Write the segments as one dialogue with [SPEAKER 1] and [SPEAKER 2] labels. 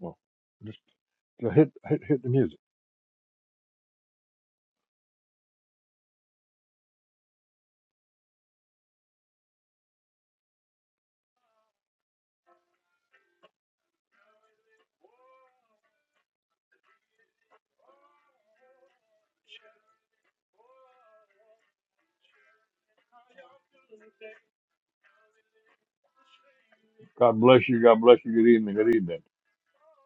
[SPEAKER 1] Well, just to hit, hit hit the music. God bless you. God bless you. Good evening. Good evening.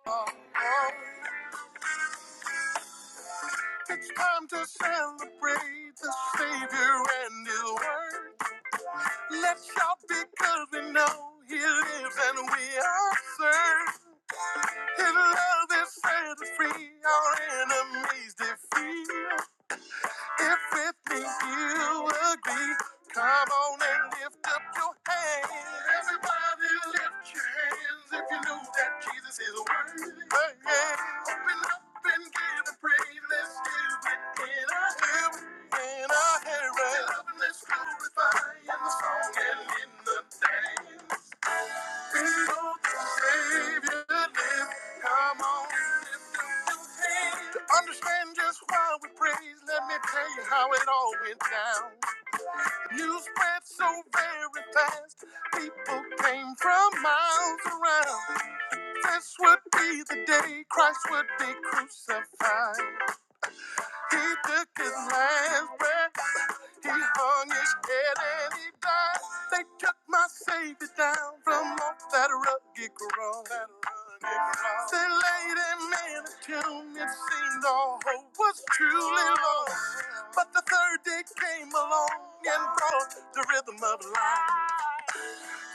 [SPEAKER 2] Oh, oh, It's time to celebrate the Savior and His Word. Let's shout because we know He lives and we are served. His love is set us free, our enemies defeat. If with me you agree, come on and lift up your hands. Everybody lift your hands if you know that Jesus is worthy. Hey, yeah. Open up and give him praise. Let's do it in our hymn, in our hymn. Let's love and let's glorify in the song and in the dance understand just why we praise, let me tell you how it all went down. News spread so very fast, people came from miles around. This would be the day Christ would be crucified. He took his last breath. He hung his head and he died. They took my savior down from off that rugged cross. They laid him in a tomb. It seemed all hope was truly lost. But the third day came along and brought the rhythm of life.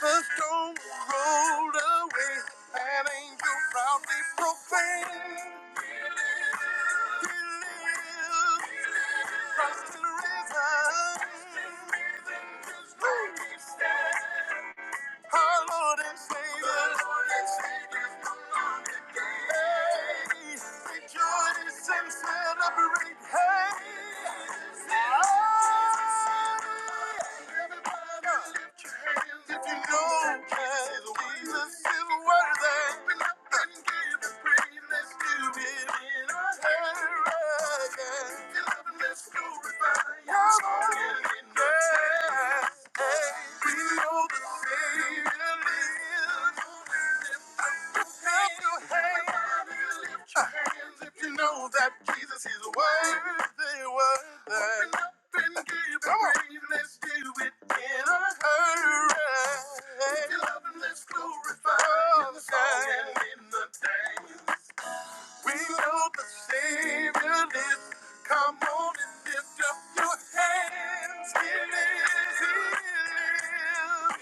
[SPEAKER 2] The stone rolled away. An angel proudly proclaimed, He lives. Let's go, everybody, Let's in it. Let's glorify the song and in the day. We love the Savior lives. Come on and lift up your hands. He lives, he lives.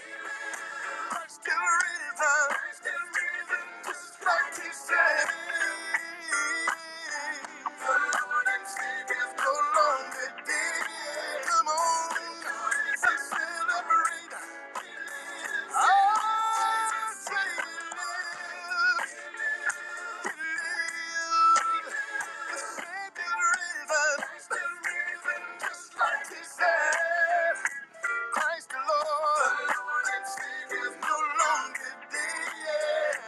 [SPEAKER 2] Still risen, still risen, just like he said. The Lord and Savior is no longer dead. Come on, let's celebrate. Our Savior lives. Christ the Lord, and Savior's no longer dead.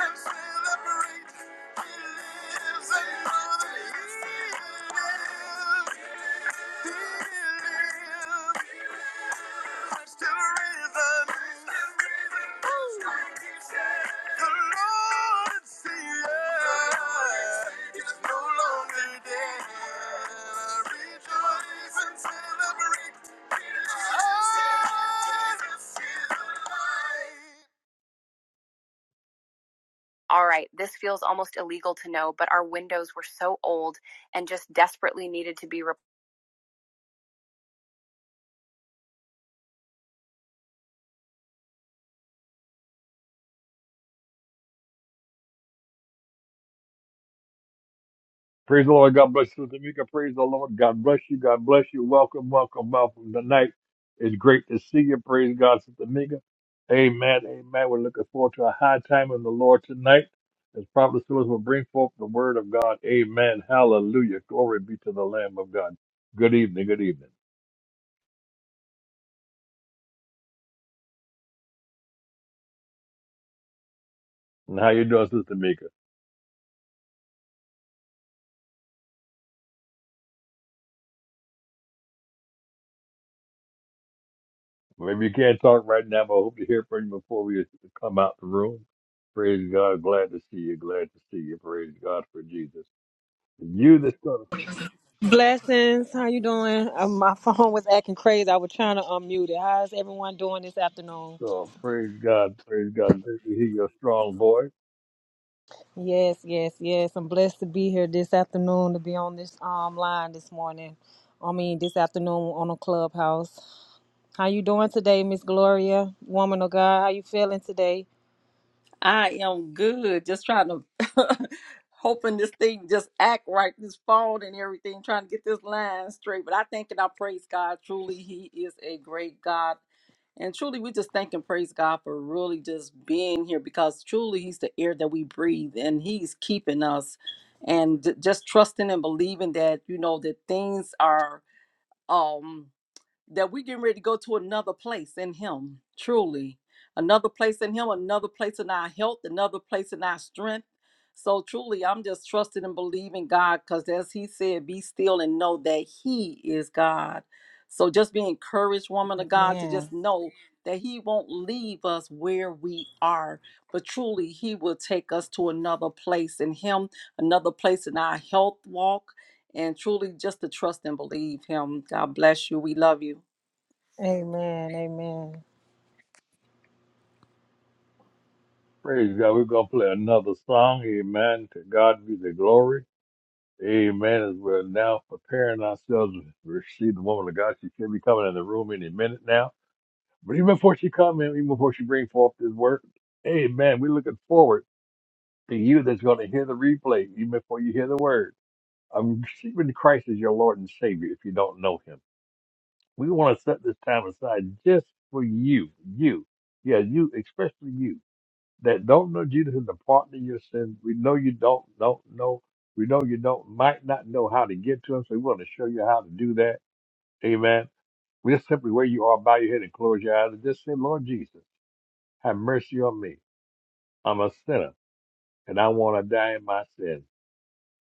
[SPEAKER 2] And celebrate, He lives, and know that He lives. He lives, Christ the risen. no All right, this feels almost illegal to know, but our windows were so old and just desperately needed to be replaced.
[SPEAKER 1] Praise the Lord. God bless you, Sister Mika. Praise the Lord. God bless you. God bless you. Welcome, welcome, welcome tonight. It's great to see you. Praise God, Sister Mika. Amen. Amen. We're looking forward to a high time in the Lord tonight. As Prophet Phyllis will bring forth the word of God. Amen. Hallelujah. Glory be to the Lamb of God. Good evening. Good evening. And how you doing, Sister Mika? Maybe you can't talk right now, but I hope to hear from you before we come out the room. Praise God. Glad to see you. Glad to see you. Praise God for Jesus. You the son of
[SPEAKER 3] Blessings. How you doing? Uh, my phone was acting crazy. I was trying to unmute it. How's everyone doing this afternoon?
[SPEAKER 1] strong. Praise God. Praise God. Great to hear your strong voice.
[SPEAKER 3] Yes, yes, yes. I'm blessed to be here this afternoon to be on this um line this morning. I mean this afternoon on a clubhouse. How you doing today, Miss Gloria, woman of God? How you feeling today?
[SPEAKER 2] I am good. Just trying to hoping this thing just act right this phone and everything, trying to get this line straight. But I thank and I praise God. Truly, He is a great God. And truly, we just thank and praise God for really just being here because truly He's the air that we breathe and He's keeping us. And j- just trusting and believing that, you know, that things are. um, that we getting ready to go to another place in him truly another place in him another place in our health another place in our strength so truly i'm just trusting and believing god because as he said be still and know that he is god so just be encouraged woman of god to
[SPEAKER 3] Amen.
[SPEAKER 2] just know that he won't leave us where we are but truly he will take us to another place in him another place in our health walk and truly just to trust and believe him god bless you we love you
[SPEAKER 3] Amen. Amen.
[SPEAKER 1] Praise God. We're going to play another song. Amen. To God be the glory. Amen. As we're now preparing ourselves to receive the woman of God. She should be coming in the room any minute now. But even before she comes in, even before she brings forth this word, amen. We're looking forward. to you that's going to hear the replay even before you hear the word. I'm receiving Christ as your Lord and Savior if you don't know Him. We want to set this time aside just for you, you, yeah, you, especially you that don't know Jesus and the pardon of your sins. We know you don't, don't know. We know you don't, might not know how to get to Him, so we want to show you how to do that. Amen. We're simply where you are, bow your head and close your eyes and just say, Lord Jesus, have mercy on me. I'm a sinner and I want to die in my sin.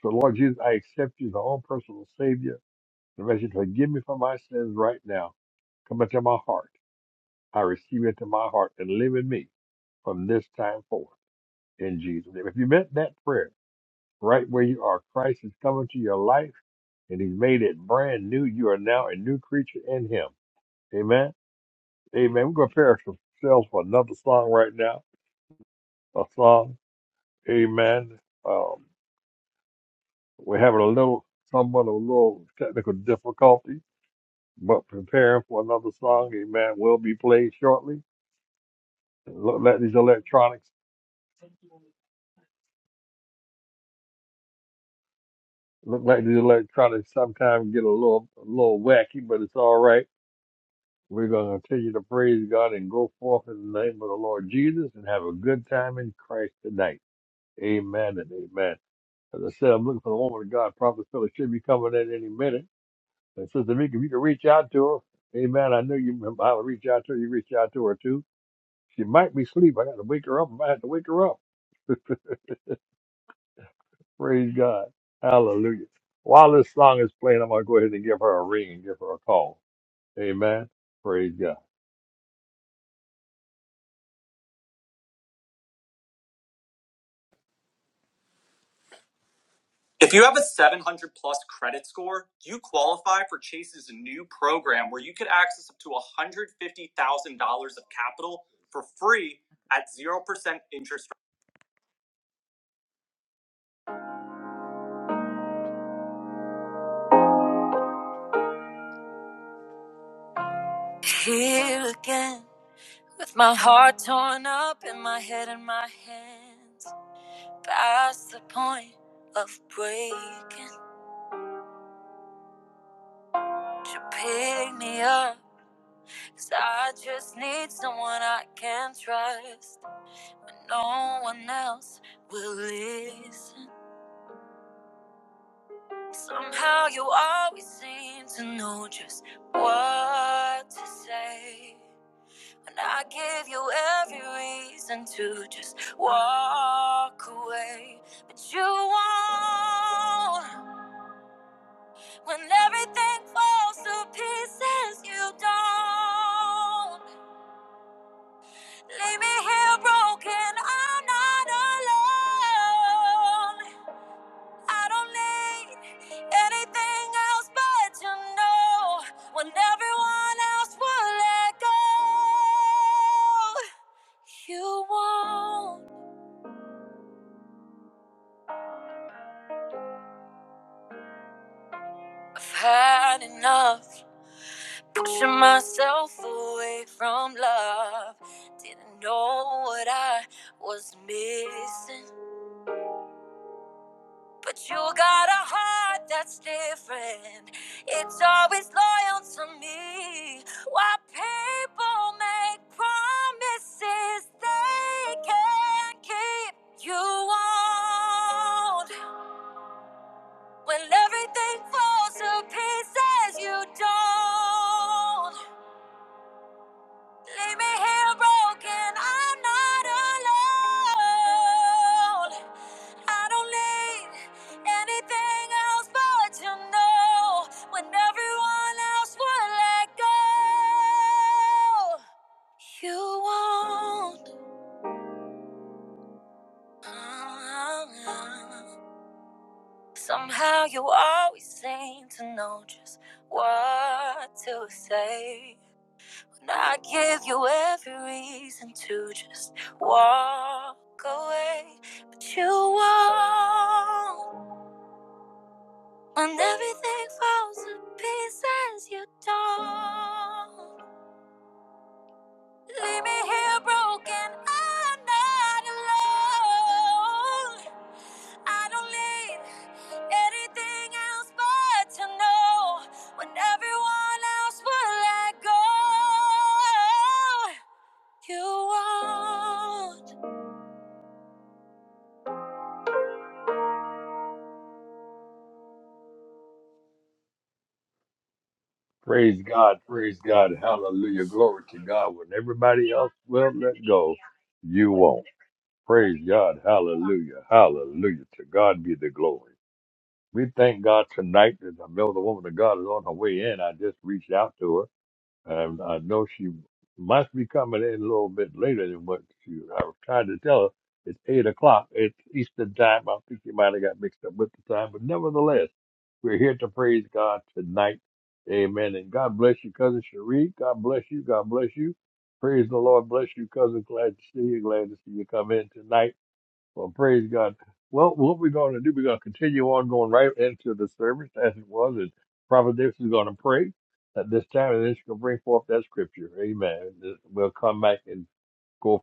[SPEAKER 1] So, Lord Jesus, I accept you as my own personal Savior. And ask you to forgive me for my sins right now. Come into my heart. I receive you into my heart and live in me from this time forth in Jesus' name. If you meant that prayer right where you are, Christ is coming to your life and He's made it brand new. You are now a new creature in Him. Amen. Amen. We're going to prepare ourselves for another song right now. A song. Amen. Um, we're having a little, somewhat of a little technical difficulty. but preparing for another song. Amen. Will be played shortly. Look like these electronics. Look like these electronics sometimes get a little a little wacky, but it's all right. We're gonna continue to praise God and go forth in the name of the Lord Jesus and have a good time in Christ tonight. Amen and amen. As I said, I'm looking for the woman of God. Prophet Philip should be coming in any minute. And Sister Mika, if you can reach out to her, amen. I know you, I'll reach out to her. You reach out to her too. She might be asleep. I got to wake her up. I might have to wake her up. Praise God. Hallelujah. While this song is playing, I'm going to go ahead and give her a ring and give her a call. Amen. Praise God.
[SPEAKER 2] Here again, with my heart torn up and my head in my hands. Past the point of breaking You pick me up. 'Cause I just need someone I can trust. When no one else will listen. Somehow you always seem to know just what to say. And I give you every reason to just walk away. But you won't. When everything falls to pieces, you don't. Leave me here broken. I'm not alone. I don't need anything else but you know. When everyone else will let go, you won't. I've had enough pushing myself away from love. Didn't know what I was missing. But you got a heart that's different. It's always loyal to me. Why people make promises they can't keep. You won't. When everything falls to pieces, you don't. Leave me here broken. I'm not alone. I don't need anything else but to know when everyone else would let go. You won't. Somehow you always seem to know just what to say. And I gave you every reason to just walk away, but you won't. When everything falls to pieces, you don't. Leave me here broken. I'm not alone. I don't need anything else but to know when everyone else will let go. You want.
[SPEAKER 1] Praise God. Praise God. Hallelujah. Glory to God. When everybody else will let go, you won't. Praise God. Hallelujah. Hallelujah. To God be the glory. We thank God tonight that I know the woman of God is on her way in. I just reached out to her. Um, I know she must be coming in a little bit later than what she. I was trying to tell her it's eight o'clock. It's Eastern time. I think she might have got mixed up with the time, but nevertheless, we're here to praise God tonight. Amen. And God bless you, cousin Cherie. God bless you. God bless you. Praise the Lord. Bless you, cousin. Glad to see you. Glad to see you come in tonight. Well, praise God. Well, what we're going to do, we're going to continue on going right into the service as it was, and Prophet Davis is going to pray at this time, and then she's going to bring forth that scripture. Amen. We'll come back and go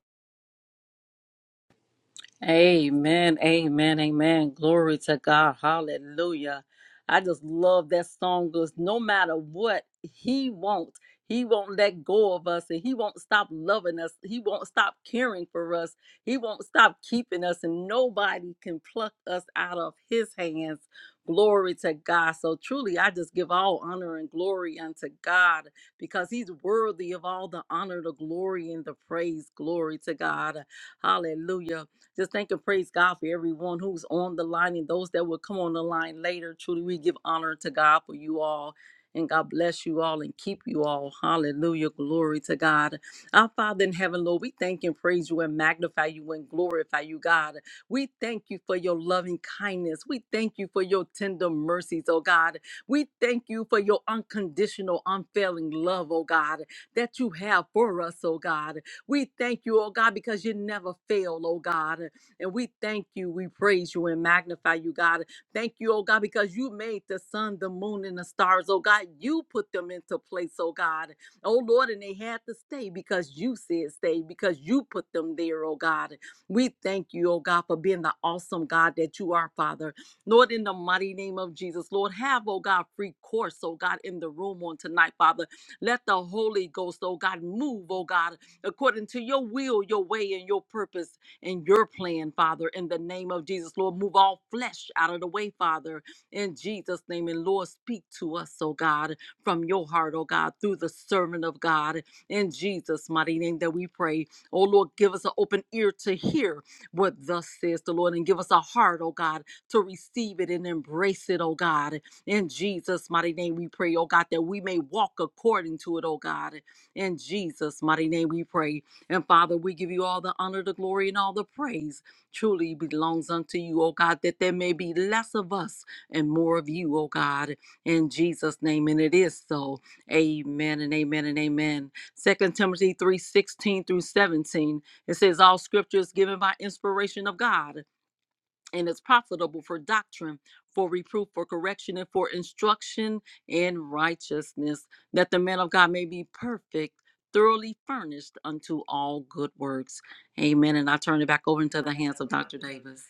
[SPEAKER 2] Amen, amen, amen. Glory to God. Hallelujah. I just love that song because no matter what, He won't. He won't let go of us and He won't stop loving us. He won't stop caring for us. He won't stop keeping us, and nobody can pluck us out of His hands. Glory to God. So truly, I just give all honor and glory unto God because He's worthy of all the honor, the glory, and the praise. Glory to God. Hallelujah. Just thank and praise God for everyone who's on the line and those that will come on the line later. Truly, we give honor to God for you all. And God bless you all and keep you all. Hallelujah. Glory to God. Our Father in heaven, Lord, we thank and praise you and magnify you and glorify you, God. We thank you for your loving kindness. We thank you for your tender mercies, oh God. We thank you for your unconditional, unfailing love, oh God, that you have for us, oh God. We thank you, oh God, because you never fail, oh God. And we thank you, we praise you and magnify you, God. Thank you, oh God, because you made the sun, the moon, and the stars, oh God. You put them into place, oh God. Oh Lord, and they had to stay because you said stay, because you put them there, oh God. We thank you, oh God, for being the awesome God that you are, Father. Lord, in the mighty name of Jesus, Lord, have, oh God, free course, oh God, in the room on tonight, Father. Let the Holy Ghost, oh God, move, oh God according to your will, your way, and your purpose and your plan, Father, in the name of Jesus. Lord, move all flesh out of the way, Father, in Jesus' name. And Lord, speak to us, oh God, from your heart, oh God, through the servant of God, in Jesus' mighty name that we pray. Oh Lord, give us an open ear to hear what thus says the Lord, and give us a heart, oh God, to receive it and embrace it, oh God. In Jesus' mighty name, we pray, oh God, that we may walk according to it, oh God. In Jesus' mighty name we pray. And Father, we give you all the honor, the glory, and all the praise truly belongs unto you, O God, that there may be less of us and more of you, O God, in Jesus' name. And it is so. Amen and amen and amen. Second Timothy three sixteen through 17. It says, All scripture is given by inspiration of God and is profitable for doctrine, for reproof, for correction, and for instruction in righteousness, that the man of God may be perfect, thoroughly furnished unto all good works. Amen. And I turn it back over into the hands of Dr. Davis.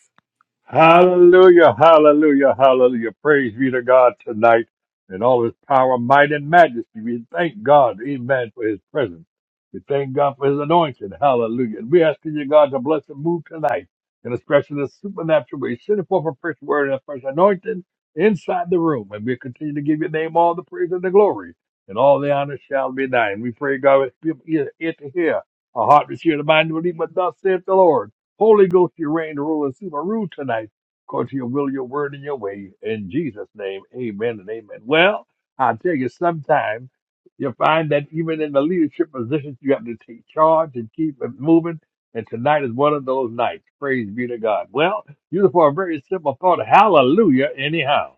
[SPEAKER 1] Hallelujah, hallelujah, hallelujah. Praise be to God tonight in all his power, might, and majesty. We thank God, amen, for his presence. We thank God for his anointing. Hallelujah. And we ask you, God, to bless and move tonight in a special and supernatural way. Send forth a fresh word and a fresh anointing inside the room. And we continue to give your name all the praise and the glory. And all the honor shall be thine. We pray, God, with people ear ear to hear, a heart to hear, the mind to believe what thus saith the Lord. Holy Ghost, you reign rule and rule tonight. According to your will, your word, and your way. In Jesus' name, amen and amen. Well, I tell you, sometimes you find that even in the leadership positions, you have to take charge and keep it moving. And tonight is one of those nights. Praise be to God. Well, useful for a very simple thought. Hallelujah, anyhow.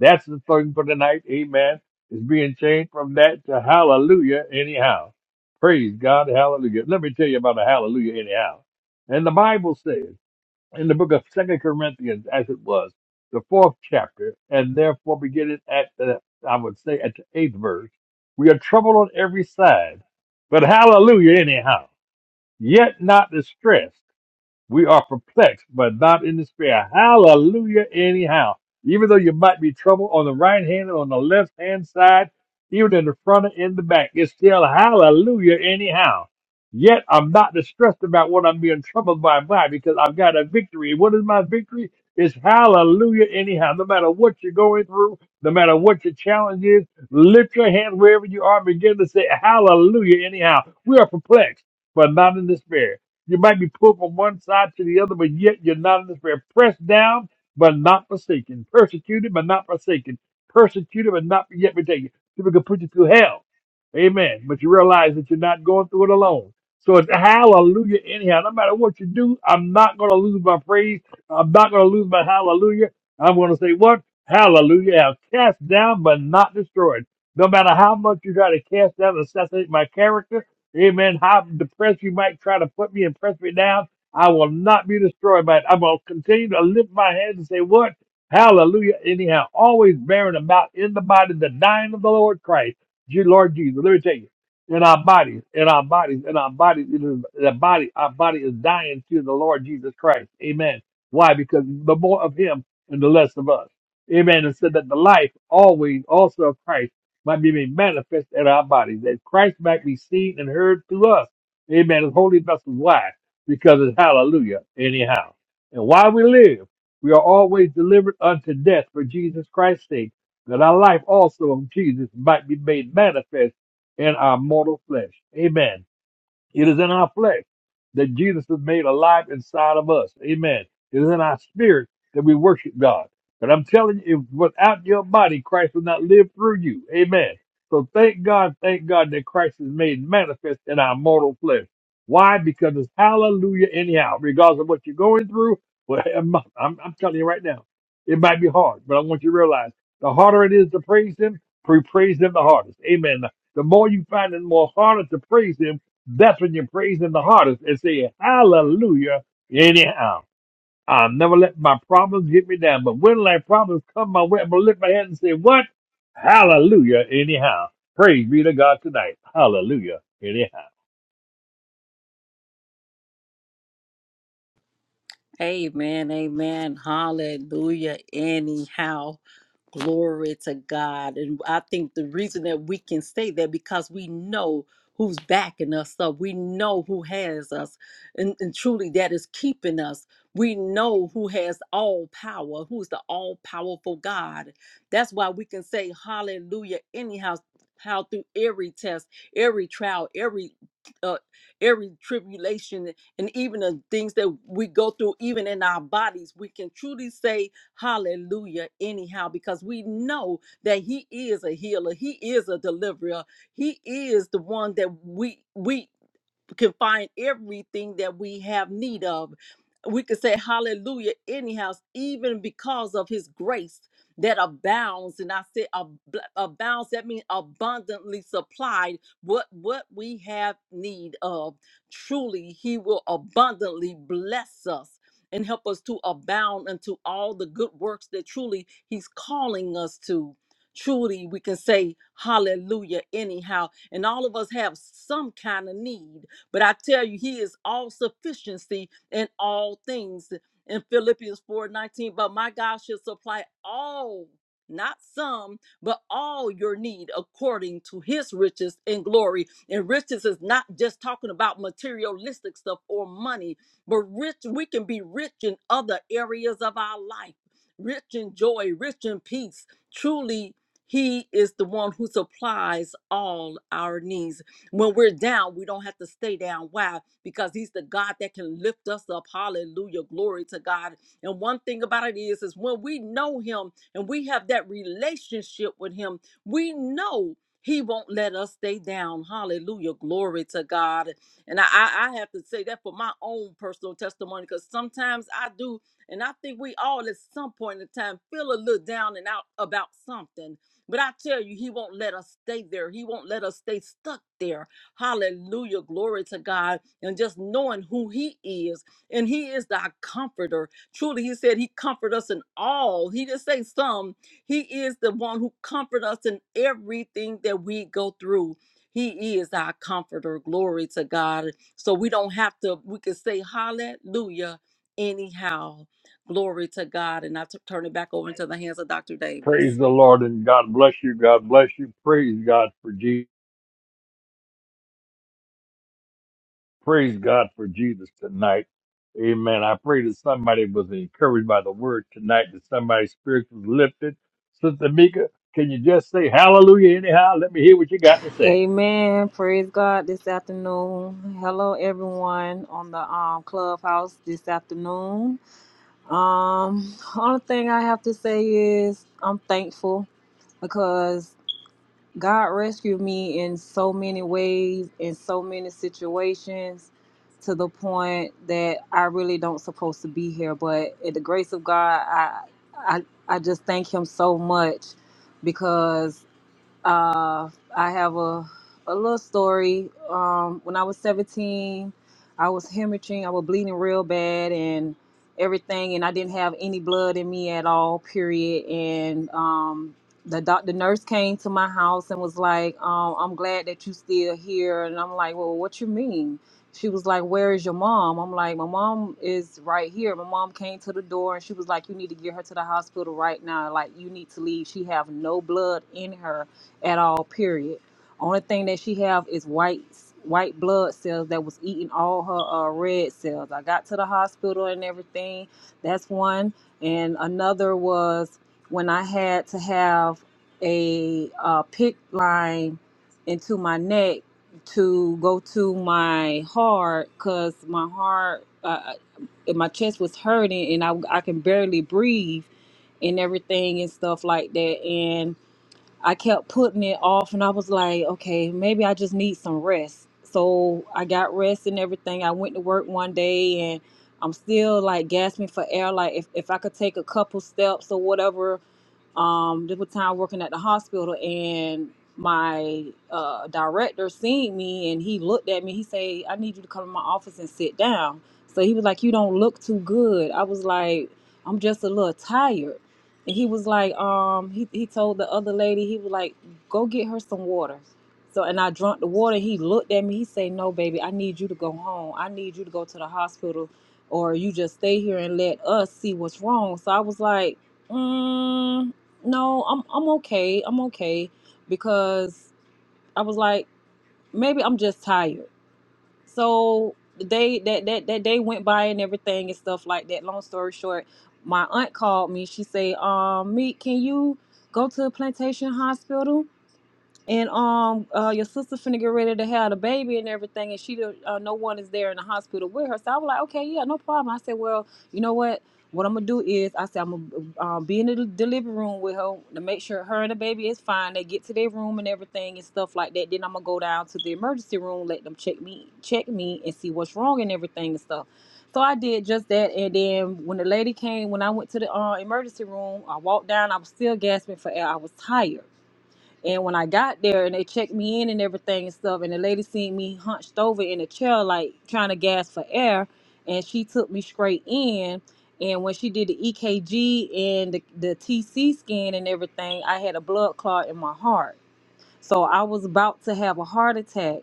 [SPEAKER 1] That's the thing for tonight. Amen. It's being changed from that to hallelujah, anyhow. Praise God. Hallelujah. Let me tell you about a hallelujah, anyhow. And the Bible says in the book of Second Corinthians, as it was, the fourth chapter, and therefore beginning at the, I would say at the eighth verse, we are troubled on every side, but hallelujah anyhow, yet not distressed, we are perplexed, but not in despair. Hallelujah, anyhow. Even though you might be troubled on the right hand and on the left hand side, even in the front and in the back, it's still hallelujah, anyhow. Yet I'm not distressed about what I'm being troubled by, by because I've got a victory. What is my victory? It's hallelujah, anyhow. No matter what you're going through, no matter what your challenge is, lift your hand wherever you are and begin to say hallelujah, anyhow. We are perplexed, but not in despair. You might be pulled from one side to the other, but yet you're not in despair. Pressed down, but not forsaken. Persecuted, but not forsaken. Persecuted, but not yet retaken. People can put you through hell. Amen. But you realize that you're not going through it alone. So it's hallelujah anyhow. No matter what you do, I'm not going to lose my praise. I'm not going to lose my hallelujah. I'm going to say what? Hallelujah. I'm cast down, but not destroyed. No matter how much you try to cast down and assassinate my character, Amen. How depressed you might try to put me and press me down, I will not be destroyed by it. I'm going to continue to lift my hands and say, What? Hallelujah. Anyhow, always bearing about in the body the dying of the Lord Christ, Je- Lord Jesus. Let me tell you, in our bodies, in our bodies, in our bodies, it is, the body, our body is dying to the Lord Jesus Christ. Amen. Why? Because the more of Him and the less of us. Amen. And said that the life always also of Christ might be made manifest in our bodies, that Christ might be seen and heard through us. Amen. As holy vessels. Why? Because it's hallelujah, anyhow. And while we live, we are always delivered unto death for Jesus Christ's sake, that our life also of Jesus might be made manifest in our mortal flesh. Amen. It is in our flesh that Jesus is made alive inside of us. Amen. It is in our spirit that we worship God. But I'm telling you, if without your body, Christ will not live through you. Amen. So thank God, thank God that Christ is made manifest in our mortal flesh. Why? Because it's hallelujah anyhow, regardless of what you're going through. Well, I'm, I'm, I'm telling you right now, it might be hard, but I want you to realize the harder it is to praise Him, we praise Him the hardest. Amen. The more you find it more harder to praise Him, that's when you praise him the hardest and say, Hallelujah, anyhow. I'll never let my problems get me down. But when my problems come my way, I'm going to lift my hand and say, What? Hallelujah, anyhow. Praise be to God tonight. Hallelujah, anyhow.
[SPEAKER 2] Amen. Amen. Hallelujah. Anyhow, glory to God. And I think the reason that we can say that because we know who's backing us up. We know who has us. And, and truly that is keeping us. We know who has all power, who is the all powerful God. That's why we can say hallelujah anyhow how through every test, every trial, every uh, every tribulation and even the things that we go through, even in our bodies, we can truly say hallelujah anyhow, because we know that He is a healer, He is a deliverer, He is the one that we we can find everything that we have need of. We could say hallelujah anyhow, even because of his grace that abounds. And I said ab- abounds, that means abundantly supplied what, what we have need of. Truly, he will abundantly bless us and help us to abound unto all the good works that truly he's calling us to. Truly, we can say hallelujah anyhow. And all of us have some kind of need but I tell you, he is all sufficiency in all things. In Philippians 4:19, but my God shall supply all, not some, but all your need according to his riches and glory. And riches is not just talking about materialistic stuff or money, but rich, we can be rich in other areas of our life, rich in joy, rich in peace. Truly, he is the one who supplies all our needs. When we're down, we don't have to stay down. Why? Because He's the God that can lift us up. Hallelujah. Glory to God. And one thing about it is, is when we know Him and we have that relationship with Him, we know He won't let us stay down. Hallelujah. Glory to God. And I, I I have to say that for my own personal testimony, because sometimes I do, and I think we all at some point in time feel a little down and out about something. But I tell you, He won't let us stay there. He won't let us stay stuck there. Hallelujah. Glory to God. And just knowing who He is. And He is thy comforter. Truly, He said He comfort us in all. He didn't say some. He is the one who comfort us in everything that we go through. He is our comforter. Glory to God. So we don't have to, we can say hallelujah anyhow. Glory to God. And I t- turn it back over into the hands of Dr. Davis.
[SPEAKER 1] Praise the Lord and God bless you. God bless you. Praise God for Jesus. Praise God for Jesus tonight. Amen. I pray that somebody was encouraged by the word tonight, that somebody's spirit was lifted. Sister Mika, can you just say hallelujah anyhow? Let me hear what you got to say.
[SPEAKER 3] Amen. Praise God this afternoon. Hello everyone on the um clubhouse this afternoon. Um, only thing I have to say is I'm thankful because God rescued me in so many ways, in so many situations, to the point that I really don't supposed to be here. But at the grace of God, I I, I just thank Him so much because uh, I have a a little story. Um, when I was 17, I was hemorrhaging. I was bleeding real bad and everything, and I didn't have any blood in me at all. Period. And um, the doc, the nurse came to my house and was like, um, "I'm glad that you still here." And I'm like, "Well, what you mean?" She was like, "Where is your mom?" I'm like, "My mom is right here." My mom came to the door and she was like, "You need to get her to the hospital right now. Like, you need to leave. She have no blood in her." at all. Period. Only thing that she have is white white blood cells that was eating all her uh, red cells. I got to the hospital and everything. That's one, and another was when I had to have a uh, pick line into my neck to go to my heart because my heart uh, uh, my chest was hurting and I, I can barely breathe and everything and stuff like that and. I kept putting it off and I was like, okay, maybe I just need some rest. So I got rest and everything. I went to work one day and I'm still like gasping for air. Like if, if I could take a couple steps or whatever, um, there was time working at the hospital and my uh, director seen me and he looked at me. He said, I need you to come to my office and sit down. So he was like, you don't look too good. I was like, I'm just a little tired. And he was like, um, he, he told the other lady, he was like, go get her some water. So, and I drank the water. He looked at me. He said, no, baby, I need you to go home. I need you to go to the hospital or you just stay here and let us see what's wrong. So I was like, mm. No, I'm I'm okay. I'm okay because I was like, maybe I'm just tired. So the day that that that day went by and everything and stuff like that. Long story short, my aunt called me. She said, "Um, meet, can you go to Plantation Hospital?" and um uh your sister finna get ready to have the baby and everything and she don't- uh, no one is there in the hospital with her so i was like okay yeah no problem i said well you know what what i'm gonna do is i said i'm gonna um, be in the del- delivery room with her to make sure her and the baby is fine they get to their room and everything and stuff like that then i'm gonna go down to the emergency room let them check me check me and see what's wrong and everything and stuff so I did just that, and then when the lady came, when I went to the uh, emergency room, I walked down. I was still gasping for air. I was tired. And when I got there and they checked me in and everything and stuff, and the lady seen me hunched over in a chair, like trying to gasp for air, and she took me straight in. And when she did the EKG and the, the TC scan and everything, I had a blood clot in my heart so I was about to have a heart attack,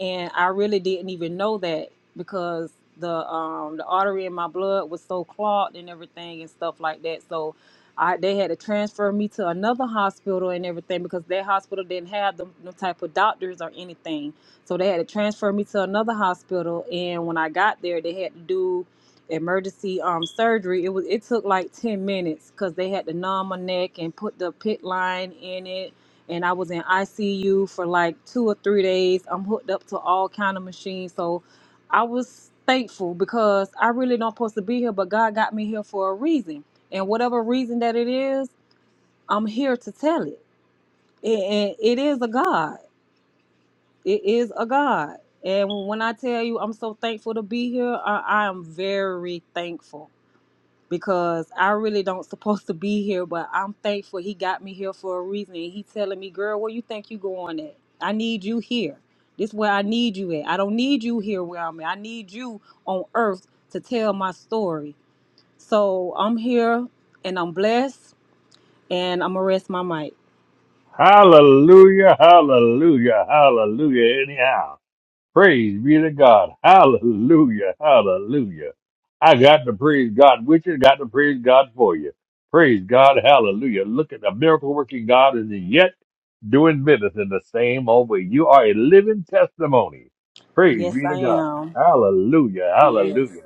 [SPEAKER 3] and I really didn't even know that because the um the artery in my blood was so clogged and everything and stuff like that. So I they had to transfer me to another hospital and everything because that hospital didn't have them, them type of doctors or anything. So they had to transfer me to another hospital, and when I got there, they had to do emergency um surgery. It was it took like ten minutes because they had to numb my neck and put the pit line in it and I was in ICU for like two or three days. I'm hooked up to all kind of machines, so I was thankful because I really don't supposed to be here, but God got me here for a reason, and whatever reason that it is, I'm here to tell it. And it is a God. It is a God. And when I tell you, I'm so thankful to be here. I, I am very thankful because I really don't supposed to be here, but I'm thankful he got me here for a reason. And he telling me, girl, where you think you going at? I need you here. This where I need you at. I don't need you here where I'm at. I need you on earth to tell my story. So I'm here and I'm blessed and I'm gonna rest my mic.
[SPEAKER 1] Hallelujah, hallelujah, hallelujah anyhow. Praise be to God. Hallelujah. Hallelujah. I got to praise God with you. Got to praise God for you. Praise God. Hallelujah. Look at the miracle working God is yet doing business in the same old way. You are a living testimony. Praise
[SPEAKER 3] Yes,
[SPEAKER 1] be to
[SPEAKER 3] I
[SPEAKER 1] God.
[SPEAKER 3] am.
[SPEAKER 1] Hallelujah.
[SPEAKER 3] Yes.
[SPEAKER 1] Hallelujah.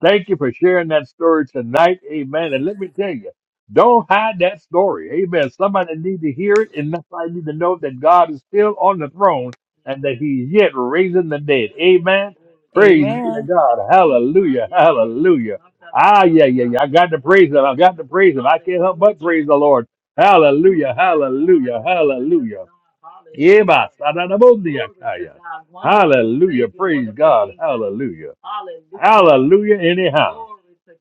[SPEAKER 1] Thank you for sharing that story tonight. Amen. And let me tell you, don't hide that story. Amen. Somebody need to hear it and somebody need to know that God is still on the throne and that he's yet raising the dead. Amen. Praise be to
[SPEAKER 3] Amen.
[SPEAKER 1] God. Hallelujah. Hallelujah. Ah, yeah, yeah, yeah. I got to praise him. I got to praise him. I can't help but praise the Lord. Hallelujah, hallelujah, hallelujah. Yeba, sadadabondia kaya. Hallelujah, praise God, hallelujah. Hallelujah, anyhow.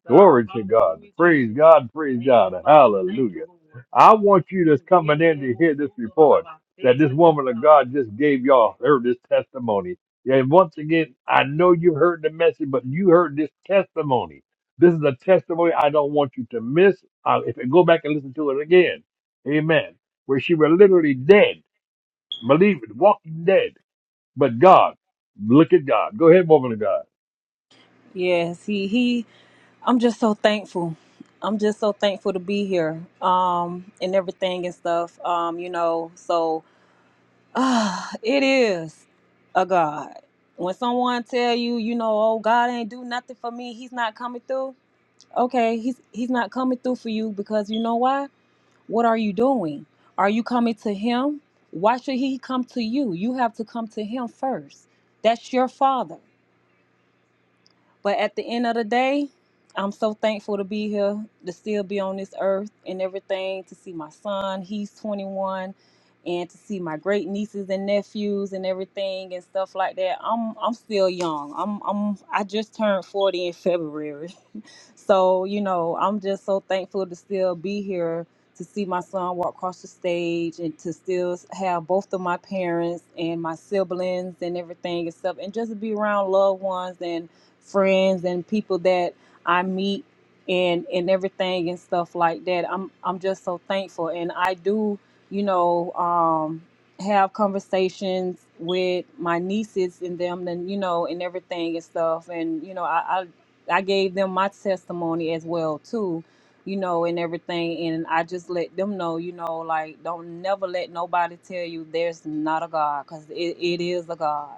[SPEAKER 1] Glory to God. Praise God, praise God, hallelujah. I want you that's coming in to hear this report that this woman of God just gave y'all, her this testimony. And once again, I know you heard the message, but you heard this testimony. This is a testimony I don't want you to miss. Uh, if you go back and listen to it again, Amen. Where she were literally dead, believe it, walking dead. But God, look at God. Go ahead, woman of God.
[SPEAKER 3] Yes, he he I'm just so thankful. I'm just so thankful to be here um, and everything and stuff. Um, you know, so ah, it is a God. When someone tell you, you know, oh God ain't do nothing for me, He's not coming through. Okay, He's He's not coming through for you because you know why? What are you doing? Are you coming to Him? Why should He come to you? You have to come to Him first. That's your Father. But at the end of the day, I'm so thankful to be here, to still be on this earth and everything, to see my son, he's 21, and to see my great nieces and nephews and everything and stuff like that. I'm I'm still young. I'm I'm I just turned 40 in February. So, you know, I'm just so thankful to still be here to see my son walk across the stage and to still have both of my parents and my siblings and everything and stuff, and just to be around loved ones and friends and people that I meet and and everything and stuff like that. I'm I'm just so thankful, and I do, you know, um, have conversations with my nieces and them, and you know, and everything and stuff, and you know, I, I gave them my testimony as well too, you know, and everything. And I just let them know, you know, like don't never let nobody tell you there's not a God, because it, it is a God.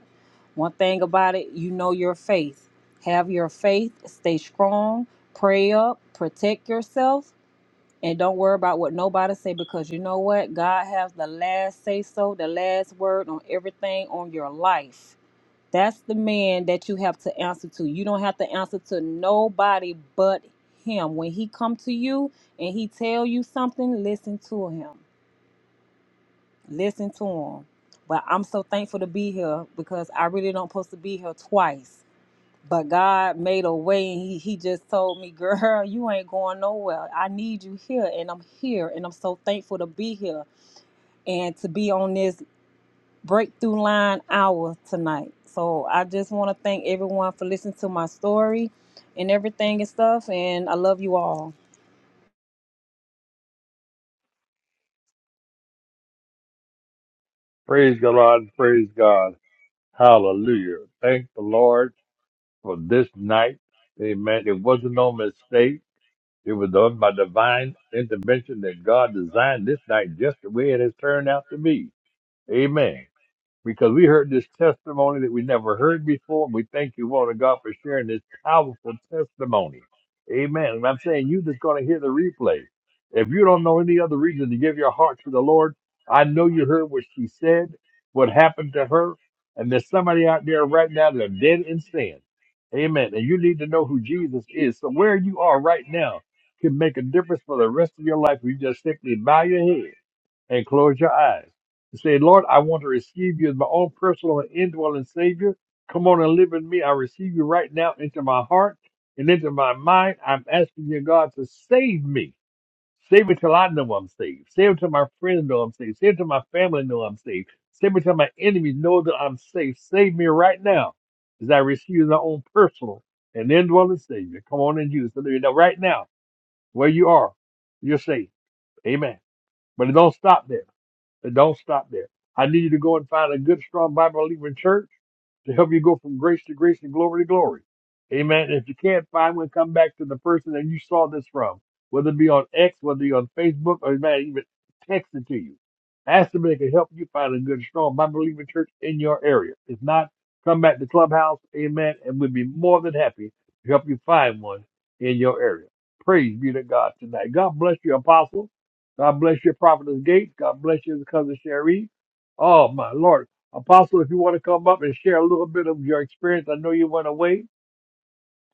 [SPEAKER 3] One thing about it, you know your faith. Have your faith, stay strong, pray up, protect yourself, and don't worry about what nobody say because you know what? God has the last say so, the last word on everything on your life that's the man that you have to answer to. You don't have to answer to nobody but him. When he come to you and he tell you something, listen to him. Listen to him. But I'm so thankful to be here because I really don't supposed to be here twice. But God made a way and he, he just told me, girl, you ain't going nowhere. I need you here and I'm here and I'm so thankful to be here and to be on this breakthrough line hour tonight. So I just want to thank everyone for listening to my story and everything and stuff. And I love you all.
[SPEAKER 1] Praise God. Praise God. Hallelujah. Thank the Lord for this night. Amen. It wasn't no mistake. It was done by divine intervention that God designed this night just the way it has turned out to be. Amen. because we heard this testimony that we never heard before. And we thank you, Lord God, for sharing this powerful testimony. Amen. And I'm saying you that's going to hear the replay. If you don't know any other reason to give your heart to the Lord, I know you heard what she said, what happened to her, and there's somebody out there right now that are dead in sin. Amen. And you need to know who Jesus is. So where you are right now can make a difference for the rest of your life. You just simply bow your head and close your eyes and say, Lord, I want to receive you as my own personal and indwelling Savior. Come on and live in me. I receive you right now into my heart and into my mind. I'm asking you, God, to save me. Save me till I know I'm saved. Save me till my friends know I'm saved. Save me till my family know I'm saved. Save me till my enemies know that I'm saved. Save me right now as I receive you as my own personal and indwelling Savior. Come on and use Now, right now, where you are, you're saved. Amen. But it don't stop there. But don't stop there. I need you to go and find a good, strong Bible believing church to help you go from grace to grace and glory to glory. Amen. If you can't find one, come back to the person that you saw this from, whether it be on X, whether it be on Facebook, or man, even text it to you. Ask them if they can help you find a good, strong Bible believing church in your area. If not, come back to Clubhouse. Amen. And we'd be more than happy to help you find one in your area. Praise be to God tonight. God bless you, Apostle. God bless your prophetess Gates. God bless you, cousin Sherry. Oh my Lord, Apostle, if you want to come up and share a little bit of your experience, I know you went away.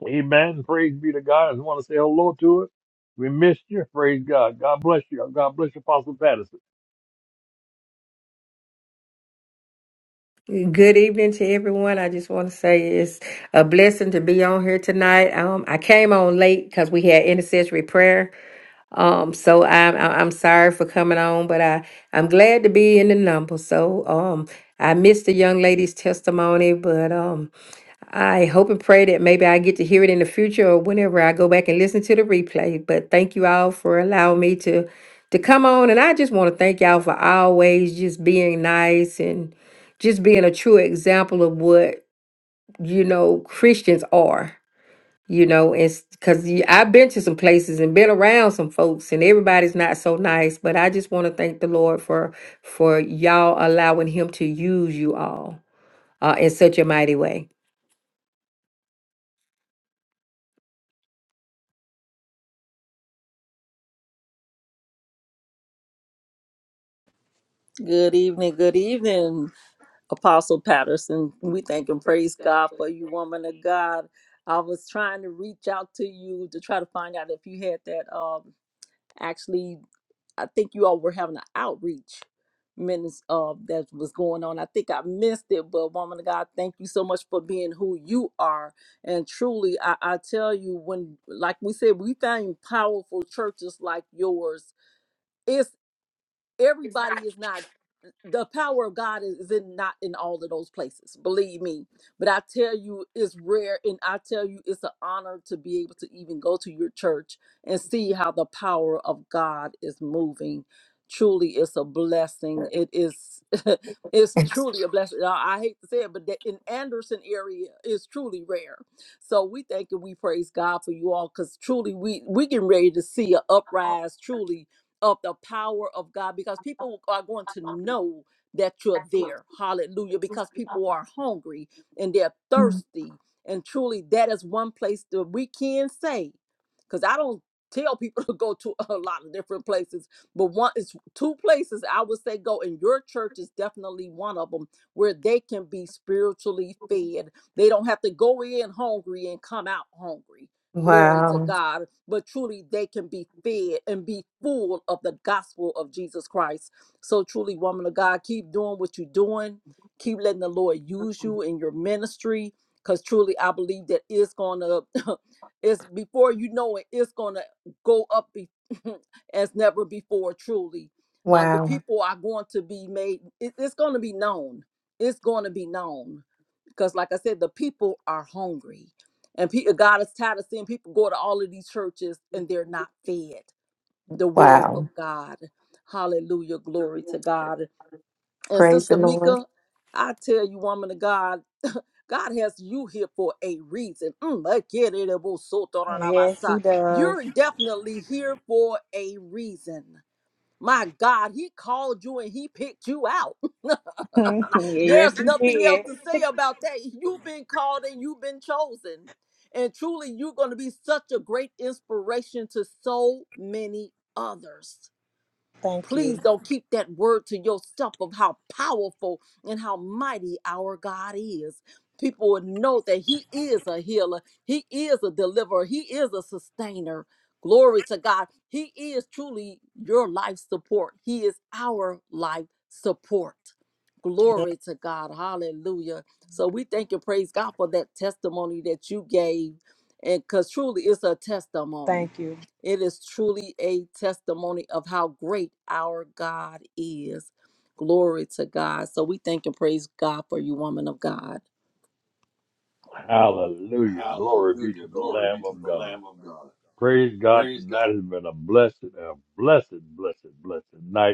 [SPEAKER 1] Amen. Praise be to God. I just want to say hello to it. We missed you. Praise God. God bless you. God bless you, Apostle Patterson.
[SPEAKER 4] Good evening to everyone. I just want to say it's a blessing to be on here tonight. Um, I came on late because we had intercessory prayer. Um, so I'm I- I'm sorry for coming on, but I I'm glad to be in the number. So um, I missed the young lady's testimony, but um, I hope and pray that maybe I get to hear it in the future or whenever I go back and listen to the replay. But thank you all for allowing me to to come on, and I just want to thank y'all for always just being nice and just being a true example of what you know Christians are. You know, it's because I've been to some places and been around some folks, and everybody's not so nice. But I just want to thank the Lord for for y'all allowing Him to use you all uh, in such a mighty way.
[SPEAKER 2] Good evening, good evening, Apostle Patterson. We thank and praise God for you, woman of God. I was trying to reach out to you to try to find out if you had that. Um, actually, I think you all were having an outreach minutes uh, that was going on. I think I missed it, but woman of God, thank you so much for being who you are. And truly, I, I tell you, when like we said, we find powerful churches like yours everybody is not the power of God is in not in all of those places, believe me. But I tell you, it's rare, and I tell you, it's an honor to be able to even go to your church and see how the power of God is moving. Truly, it's a blessing. It is, it's truly a blessing. I I hate to say it, but the, in Anderson area is truly rare. So we thank and we praise God for you all, because truly we we getting ready to see a uprise, truly of the power of God because people are going to know that you're there. Hallelujah. Because people are hungry and they're thirsty. And truly, that is one place that we can say, because I don't tell people to go to a lot of different places, but one is two places I would say go, and your church is definitely one of them where they can be spiritually fed. They don't have to go in hungry and come out hungry. Glory to
[SPEAKER 4] Wow.
[SPEAKER 2] God. But truly, they can be fed and be full of the gospel of Jesus Christ. So, truly, woman of God, keep doing what you're doing. Keep letting the Lord use you in your ministry. Because truly, I believe that it's going to, it's before you know it, it's going to go up be- as never before, truly. Uh, the
[SPEAKER 4] Wow.
[SPEAKER 2] people are going to be made, it- it's going to be known. It's going to be known because like i said the people are hungry and pe- uh, God is tired of seeing people go to all of these churches and they're not fed the word of
[SPEAKER 4] Wow.
[SPEAKER 2] God. Hallelujah. Glory to God. And
[SPEAKER 4] Praise the
[SPEAKER 2] Sister
[SPEAKER 4] Lord.
[SPEAKER 2] Mika, I tell you, woman of God, God has you here for a reason. Mm, I get it, it was so thought out about
[SPEAKER 3] Yes,
[SPEAKER 2] side.
[SPEAKER 3] he does.
[SPEAKER 2] You're definitely here for a reason. My God, he called you and he picked you out. There's
[SPEAKER 3] yes, he
[SPEAKER 2] nothing else
[SPEAKER 3] did.
[SPEAKER 2] to say about that. You've been called and you've been chosen. And truly, you're going to be such a great inspiration to so many others.
[SPEAKER 3] Thank
[SPEAKER 2] Please
[SPEAKER 3] you.
[SPEAKER 2] don't keep that word to yourself of how powerful and how mighty our God is. People would know that He is a healer, He is a deliverer, He is a sustainer. Glory to God. He is truly your life support. He is our life support.
[SPEAKER 3] Yeah,
[SPEAKER 2] Glory to God. Hallelujah. So we thank and praise God for that testimony that you gave. And because truly it's a testimony.
[SPEAKER 3] thank you.
[SPEAKER 2] It is truly a testimony of how great our God is. Glory to God. So we thank and praise God for you, woman of God.
[SPEAKER 1] Hallelujah. Glory be
[SPEAKER 2] Hallelujah.
[SPEAKER 1] to the
[SPEAKER 2] Glory be
[SPEAKER 1] Lamb
[SPEAKER 2] to
[SPEAKER 1] of
[SPEAKER 2] the
[SPEAKER 1] God.
[SPEAKER 2] Lamb of God.
[SPEAKER 1] Praise God.
[SPEAKER 2] Praise God.
[SPEAKER 1] Tonight has been a blessed, a blessed, blessed, blessed night.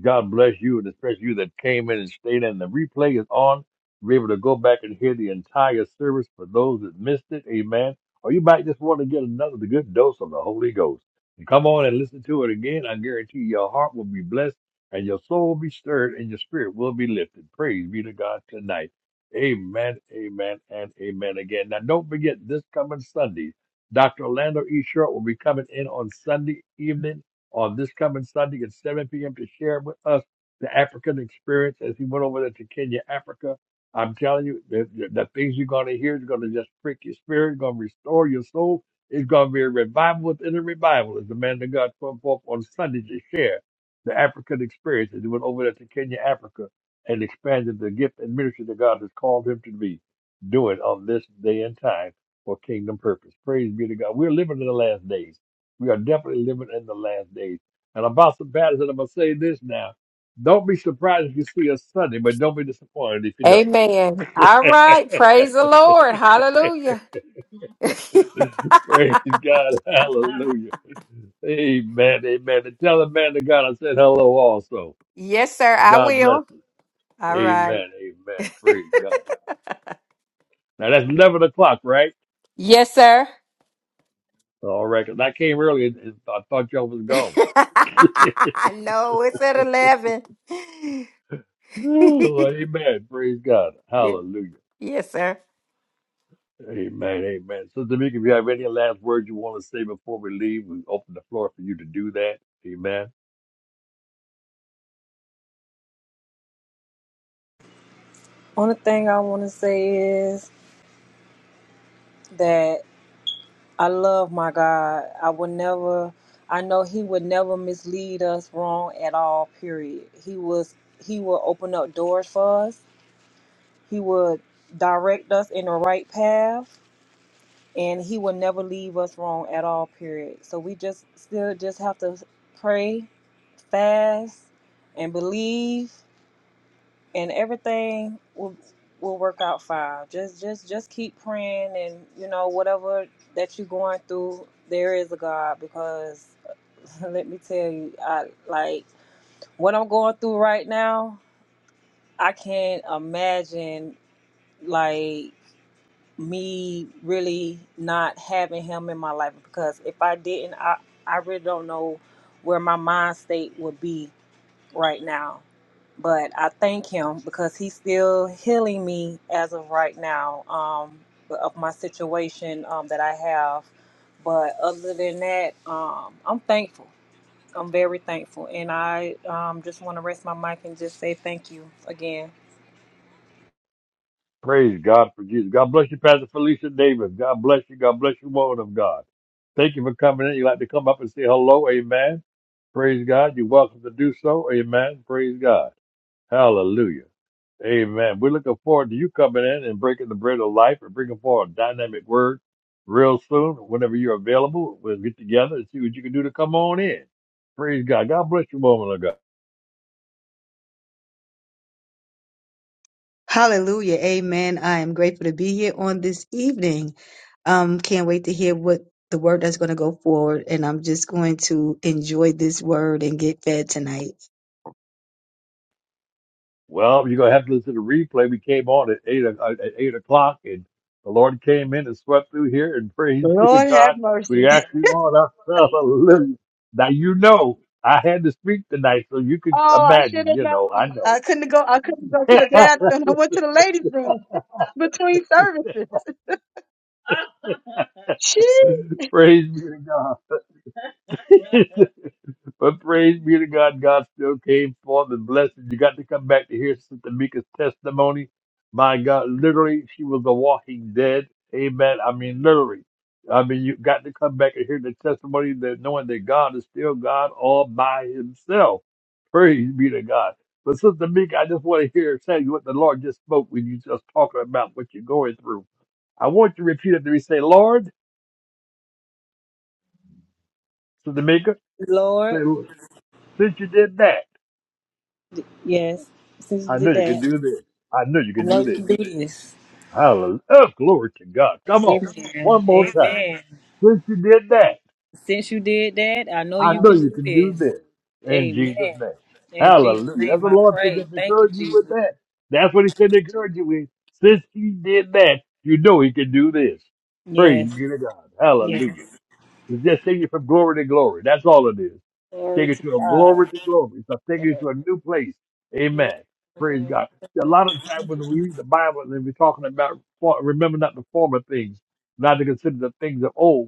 [SPEAKER 1] God bless you, and especially you that came in and stayed in. The replay is on. You're able to go back and hear the entire service for those that missed it. Amen. Or you might just want to get another good dose of the Holy Ghost. And come on and listen to it again. I guarantee your heart will be blessed and your soul will be stirred and your spirit will be lifted. Praise be to God tonight. Amen, amen, and amen again. Now, don't forget this coming Sunday, Dr. Orlando E. Short will be coming in on Sunday evening on this coming Sunday at 7 p.m. to share with us the African experience as he went over there to Kenya, Africa. I'm telling you, the, the, the things you're going to hear is going to just prick your spirit, going to restore your soul. It's going to be a revival within a revival as the man of God come forth on Sunday to share the African experience as he went over there to Kenya, Africa, and expanded the gift and ministry that God has called him to be. doing on this day and time for kingdom purpose. Praise be to God. We're living in the last days. We are definitely living in the last days. And Apostle Patterson, I'm going to say this now. Don't be surprised if you see us Sunday, but don't be disappointed if you don't.
[SPEAKER 4] Amen. All right. Praise the Lord. Hallelujah.
[SPEAKER 1] Praise God. Hallelujah. Amen. Amen. And tell the man to God I said hello also.
[SPEAKER 4] yes, sir. I
[SPEAKER 1] God bless
[SPEAKER 4] will.
[SPEAKER 1] you.
[SPEAKER 4] All right.
[SPEAKER 1] Amen. Amen. Praise God. Now that's 11 o'clock, right?
[SPEAKER 4] Yes, sir.
[SPEAKER 1] All right. 'cause I came early and and I thought y'all was gone.
[SPEAKER 4] I know it's at 11.
[SPEAKER 1] Ooh, amen. Praise God. Hallelujah.
[SPEAKER 4] yes, sir.
[SPEAKER 1] Amen, amen. Sister Tamika, if you have any last words you want to say before we leave, we open the floor for you to do that. Amen.
[SPEAKER 3] Only thing I want to say is that I love my God. I would never. I know He would never mislead us wrong at all. Period. He was. He will open up doors for us. He would direct us in the right path and he will never leave us wrong at all period so we just still just have to pray fast and believe and everything will will work out fine just just just keep praying and you know whatever that you're going through there is a god because let me tell you i like what i'm going through right now i can't imagine like me really not having him in my life because if I didn't, I, I really don't know where my mind state would be right now. But I thank him because he's still healing me as of right now um, of my situation um, that I have. But other than that, um, I'm thankful. I'm very thankful. And I um, just want to rest my mic and just say thank you again.
[SPEAKER 1] Praise God for Jesus. God bless you, Pastor Felicia Davis. God bless you. God bless you, woman of God. Thank you for coming in. You like to come up and say hello. Amen. Praise God. You're welcome to do so. Amen. Praise God. Hallelujah. Amen. We're looking forward to you coming in and breaking the bread of life and bringing forward a dynamic word real soon. Whenever you're available, we'll get together and see what you can do to come on in. Praise God. God bless you, woman of God.
[SPEAKER 5] Hallelujah. Amen. I am grateful to be here on this evening. Um, can't wait to hear what the word that's going to go forward. And I'm just going to enjoy this word and get fed tonight.
[SPEAKER 1] Well, you're gonna have to listen to the replay. We came on at eight o- uh, at eight o'clock, and the Lord came in and swept through here. And praise be to
[SPEAKER 5] Lord
[SPEAKER 1] God,
[SPEAKER 5] have
[SPEAKER 1] we
[SPEAKER 5] mercy.
[SPEAKER 1] actually on our hallelujah. Now you know I had to speak tonight, so you could
[SPEAKER 5] Oh, I should
[SPEAKER 1] imagine.
[SPEAKER 5] have
[SPEAKER 1] You
[SPEAKER 5] known.
[SPEAKER 1] know, I know.
[SPEAKER 5] I couldn't go. I couldn't go to the bathroom. I went to the ladies' room between services. She.
[SPEAKER 1] praise be to God. but praise be to God, God still came forth and blessed. You got to come back to hear Sister Mika's testimony. My God, literally, she was a walking dead. Amen. I mean, literally. I mean, you got to come back and hear the testimony that knowing that God is still God all by himself. Praise be to God. But Sister Mika, I just want to hear tell you what the Lord just spoke when you just talking about what you're going through. I want you to repeat it to me. Say, Lord, Sister Mika, say,
[SPEAKER 3] Lord,
[SPEAKER 1] since you did that.
[SPEAKER 3] yes, since
[SPEAKER 1] I
[SPEAKER 3] you
[SPEAKER 1] knew
[SPEAKER 3] did
[SPEAKER 1] you could
[SPEAKER 3] that,
[SPEAKER 1] do this. I knew you
[SPEAKER 3] I
[SPEAKER 1] could
[SPEAKER 3] know
[SPEAKER 1] do
[SPEAKER 3] you
[SPEAKER 1] this.
[SPEAKER 3] can do this.
[SPEAKER 1] Hallelujah. Oh, glory to God. Come on.
[SPEAKER 3] Amen.
[SPEAKER 1] One more time.
[SPEAKER 3] Amen.
[SPEAKER 1] Since you did that,
[SPEAKER 3] Since you did that, I know
[SPEAKER 1] I
[SPEAKER 3] you
[SPEAKER 1] know
[SPEAKER 3] can
[SPEAKER 1] you
[SPEAKER 3] do
[SPEAKER 1] can do
[SPEAKER 3] this.
[SPEAKER 1] this. In Jesus'
[SPEAKER 3] Amen.
[SPEAKER 1] name.
[SPEAKER 3] In Jesus'
[SPEAKER 1] Hallelujah. That's
[SPEAKER 3] name
[SPEAKER 1] what the
[SPEAKER 3] I
[SPEAKER 1] Lord said
[SPEAKER 3] pray.
[SPEAKER 1] to
[SPEAKER 3] Thank you,
[SPEAKER 1] encourage you
[SPEAKER 3] Jesus.
[SPEAKER 1] with that. That's what he said to encourage you with. Since he did that, you know he can do this. Praise
[SPEAKER 3] Yes.
[SPEAKER 1] be to God.
[SPEAKER 3] Yes.
[SPEAKER 1] Hallelujah. It's just taking you from glory to glory. That's all it is. It's
[SPEAKER 3] Glory
[SPEAKER 1] taking
[SPEAKER 3] to
[SPEAKER 1] you from glory
[SPEAKER 3] God.
[SPEAKER 1] to glory. It's taking you to a new place. Amen. Praise God. A lot of times
[SPEAKER 3] Yes.
[SPEAKER 1] when we read the Bible and we're talking about for- remember not the former things, not to consider the things of old.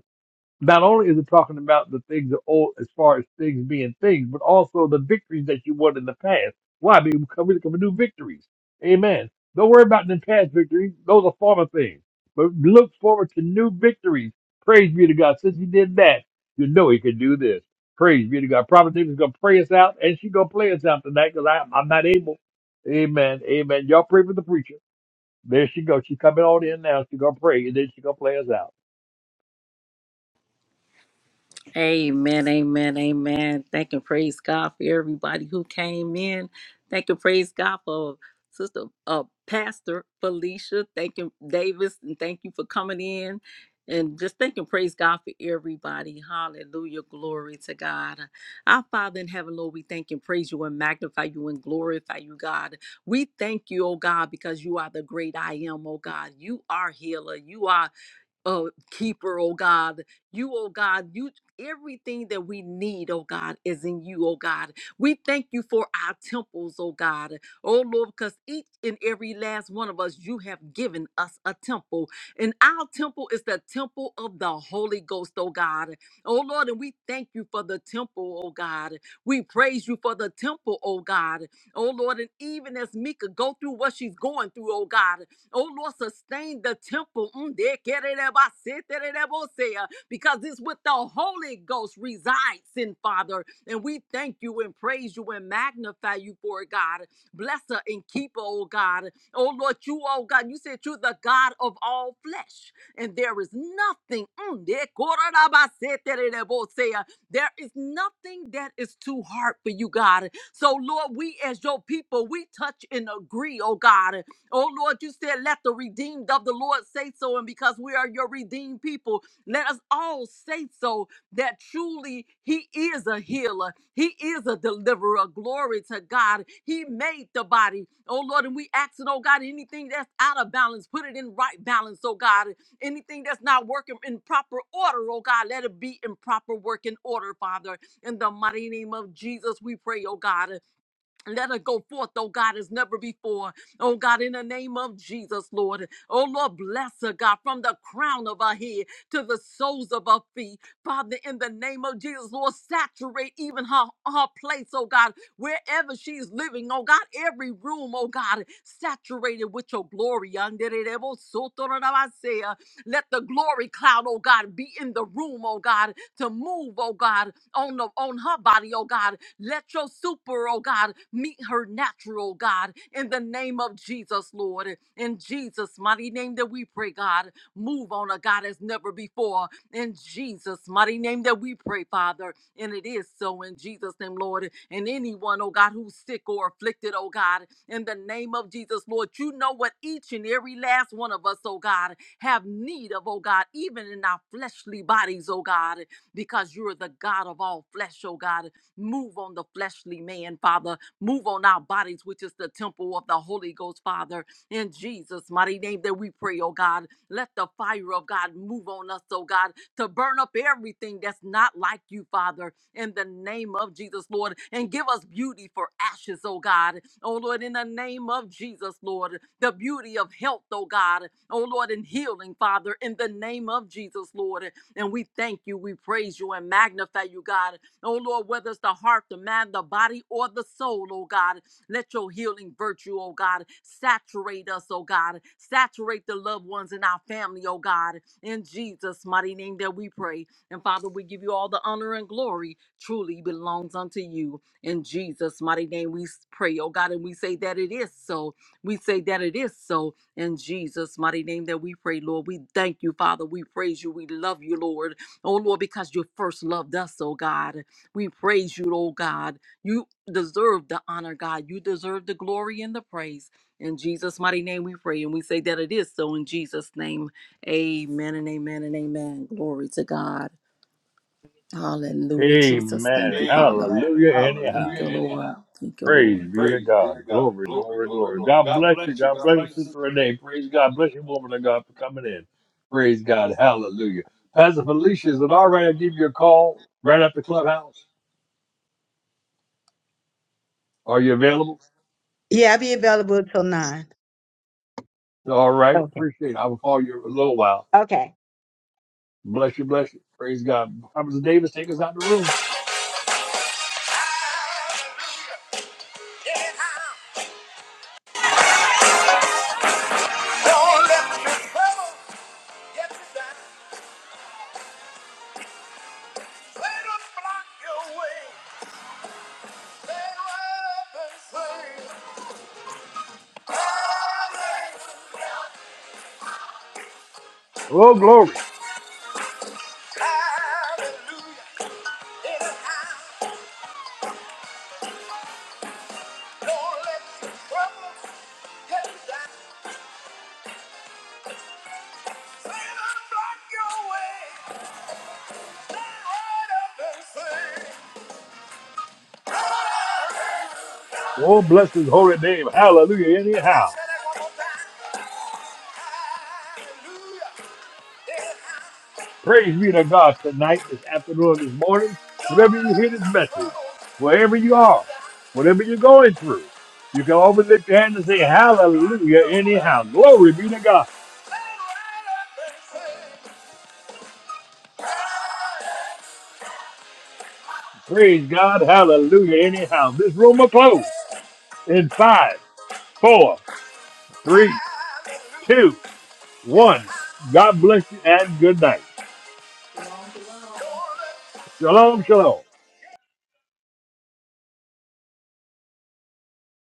[SPEAKER 1] Not only is it talking about the things of old as far as things being things, but also the victories that you won in the past. Why? Because we're looking for new victories. Amen. Don't worry about the past victories. Those are former things. But look forward to new victories. Praise be to God. Since he did that, you know he can do this. Praise be to God. Prophet David's going to pray us out, and she's going to play us out tonight because I'm not able. Amen. Amen. Y'all pray for the preacher. There she goes. She's coming on in now. She's going to pray, and then she's going to play us out.
[SPEAKER 2] Amen, amen, amen. Thank and praise God for everybody who came in. Thank and praise God for Sister uh, Pastor Felicia. Thank you, Davis, and thank you for coming in. And just thank and praise God for everybody. Hallelujah. Glory to God. Our Father in heaven, Lord, we thank and praise you and magnify you and glorify you, God. We thank you, oh God, because you are the great I am, oh God. You are healer. You are uh, keeper, oh God. You, oh God, you everything that we need, oh God, is in you, oh God. We thank you for our temples, oh God. Oh Lord, because each and every last one of us, you have given us a temple. And our temple is the temple of the Holy Ghost, oh God. Oh Lord, and we thank you for the temple, oh God. We praise you for the temple, oh God. Oh Lord, and even as Mika go through what she's going through, oh God. Oh Lord, sustain the temple. Mm, de- kererebase, tererebose, uh, Because it's with the Holy Ghost resides in Father. And we thank you and praise you and magnify you for it, God. Bless her and keep her, oh God. Oh Lord, you, oh God, you said you're the God of all flesh. And there is nothing. mm, de- kororabase, tererebose, uh, There is nothing that is too hard for you, God. So, Lord, we as your people, we touch and agree, oh God. Oh Lord, you said, let the redeemed of the Lord say so. And because we are your redeemed people, let us all say so that truly he is a healer. He is a deliverer. Glory to God. He made the body. Oh Lord, and we ask it, oh God, anything that's out of balance, put it in right balance, oh God. Anything that's not working in proper order, oh God, let it be in proper working order, Father. In the mighty name of Jesus, we pray, oh God. Let her go forth, oh God, as never before. Oh God, in the name of Jesus, Lord. Oh Lord, bless her, God, from the crown of her head to the soles of her feet. Father, in the name of Jesus, Lord, saturate even her, her place, oh God, wherever she's living, oh God, every room, oh God, saturated with your glory. Let the glory cloud, oh God, be in the room, oh God, to move, oh God, on, the, on her body, oh God, let your super, oh God, meet her natural, oh God, in the name of Jesus, Lord. In Jesus' mighty name that we pray, God. Move on a God as never before. In Jesus' mighty name that we pray, Father. And it is so in Jesus' name, Lord. And anyone, oh God, who's sick or afflicted, oh God, in the name of Jesus, Lord, you know what each and every last one of us, oh God, have need of, oh God, even in our fleshly bodies, oh God, because you're the God of all flesh, oh God. Move on the fleshly man, Father. Move on our bodies, which is the temple of the Holy Ghost, Father. In Jesus' mighty name that we pray, oh God. Let the fire of God move on us, oh God, to burn up everything that's not like you, Father, in the name of Jesus, Lord. And give us beauty for ashes, oh God. Oh Lord, in the name of Jesus, Lord. The beauty of health, oh God. Oh Lord, and healing, Father, in the name of Jesus, Lord. And we thank you, we praise you, and magnify you, God. Oh Lord, whether it's the heart, the mind, the body, or the soul, oh God, let your healing virtue, oh God, saturate us, oh God. Saturate the loved ones in our family, oh God. In Jesus' mighty name that we pray. And Father, we give you all the honor and glory truly belongs unto you. In Jesus' mighty name we pray, oh God, and we say that it is so. We say that it is so. In Jesus' mighty name that we pray, Lord. We thank you, Father. We praise you. We love you, Lord. Oh Lord, because you first loved us, oh God. We praise you, oh God. You deserve the honor, God. You deserve the glory and the praise. In Jesus' mighty name we pray. And we say that it is so in Jesus' name. Amen and amen and amen. Glory to God. Hallelujah, Jesus. Thank
[SPEAKER 1] Amen.
[SPEAKER 2] you, Father. Amen. Thank
[SPEAKER 1] Hallelujah.
[SPEAKER 2] Hallelujah.
[SPEAKER 1] Anyhow.
[SPEAKER 2] you, Anyhow. Lord. Thank you,
[SPEAKER 1] Praise
[SPEAKER 2] Lord.
[SPEAKER 1] be to
[SPEAKER 2] Praise be
[SPEAKER 1] God.
[SPEAKER 2] to God.
[SPEAKER 1] Glory,
[SPEAKER 2] Glory,
[SPEAKER 1] glory,
[SPEAKER 2] glory,
[SPEAKER 1] glory.
[SPEAKER 2] glory.
[SPEAKER 1] God
[SPEAKER 2] God
[SPEAKER 1] bless you.
[SPEAKER 2] bless you.
[SPEAKER 1] God
[SPEAKER 2] God
[SPEAKER 1] bless you,
[SPEAKER 2] bless you,
[SPEAKER 1] Sister
[SPEAKER 2] Sister Renee.
[SPEAKER 1] Renee. Praise
[SPEAKER 2] Praise God.
[SPEAKER 1] God.
[SPEAKER 2] Bless
[SPEAKER 1] Bless you,
[SPEAKER 2] you,
[SPEAKER 1] woman
[SPEAKER 2] woman of
[SPEAKER 1] of
[SPEAKER 2] God
[SPEAKER 1] God, for
[SPEAKER 2] for
[SPEAKER 1] coming
[SPEAKER 2] coming in.
[SPEAKER 1] in. Praise
[SPEAKER 2] Praise
[SPEAKER 1] God.
[SPEAKER 2] God. Hallelujah.
[SPEAKER 1] Hallelujah.
[SPEAKER 2] Pastor
[SPEAKER 1] Pastor
[SPEAKER 2] Felicia,
[SPEAKER 1] Felicia,
[SPEAKER 2] is
[SPEAKER 1] is
[SPEAKER 2] it
[SPEAKER 1] it
[SPEAKER 2] all
[SPEAKER 1] all
[SPEAKER 2] right
[SPEAKER 1] right? I
[SPEAKER 2] to give
[SPEAKER 1] give
[SPEAKER 2] you
[SPEAKER 1] you
[SPEAKER 2] a
[SPEAKER 1] a
[SPEAKER 2] call
[SPEAKER 1] call
[SPEAKER 2] right
[SPEAKER 1] right
[SPEAKER 2] at the
[SPEAKER 1] after clubhouse.
[SPEAKER 2] clubhouse? Are
[SPEAKER 1] Are
[SPEAKER 2] you
[SPEAKER 1] you
[SPEAKER 2] available?
[SPEAKER 1] available?
[SPEAKER 5] Yeah, I'll be available till nine.
[SPEAKER 1] all
[SPEAKER 2] All right.
[SPEAKER 1] right.
[SPEAKER 5] Okay.
[SPEAKER 2] Appreciate
[SPEAKER 1] Appreciate
[SPEAKER 2] it.
[SPEAKER 1] it.
[SPEAKER 2] I
[SPEAKER 1] I
[SPEAKER 2] will
[SPEAKER 1] will
[SPEAKER 2] call
[SPEAKER 1] call
[SPEAKER 2] you
[SPEAKER 1] you
[SPEAKER 2] in a
[SPEAKER 1] in a
[SPEAKER 2] little
[SPEAKER 1] little
[SPEAKER 2] while.
[SPEAKER 1] while.
[SPEAKER 5] Okay.
[SPEAKER 1] Bless
[SPEAKER 2] Bless you,
[SPEAKER 1] you, bless
[SPEAKER 2] bless you.
[SPEAKER 1] you. Praise
[SPEAKER 2] Praise God.
[SPEAKER 1] God.
[SPEAKER 2] Harvest
[SPEAKER 1] Robert
[SPEAKER 2] Davis,
[SPEAKER 1] Davis,
[SPEAKER 2] take
[SPEAKER 1] take
[SPEAKER 2] us
[SPEAKER 1] us
[SPEAKER 2] out
[SPEAKER 1] out the
[SPEAKER 2] the room.
[SPEAKER 1] room.
[SPEAKER 2] Don't let the trouble get you down. Let 'em block your way. Stand up and say, "Hallelujah,
[SPEAKER 1] Oh, glory.
[SPEAKER 2] hallelujah." In the house, don't let the trouble get you down. Stand block your way. Stand right up and say, "Hallelujah."
[SPEAKER 1] Oh, bless his holy name. Hallelujah.
[SPEAKER 2] I
[SPEAKER 1] Anyhow.
[SPEAKER 2] said it one more time. Hallelujah.
[SPEAKER 1] Praise be to God tonight, this afternoon, this morning, whenever
[SPEAKER 2] Don't
[SPEAKER 1] you
[SPEAKER 2] let
[SPEAKER 1] hear this
[SPEAKER 2] the
[SPEAKER 1] message,
[SPEAKER 2] trouble.
[SPEAKER 1] wherever you are, whatever you're going through, you can always lift your hand and say,
[SPEAKER 2] Let 'em block
[SPEAKER 1] Hallelujah,
[SPEAKER 2] your way.
[SPEAKER 1] anyhow. Glory be to God.
[SPEAKER 2] Let 'em right up and say.
[SPEAKER 1] Praise God. Hallelujah, anyhow. This room will close in five, four, three, two, one. God bless you and good night. Shalom, shalom.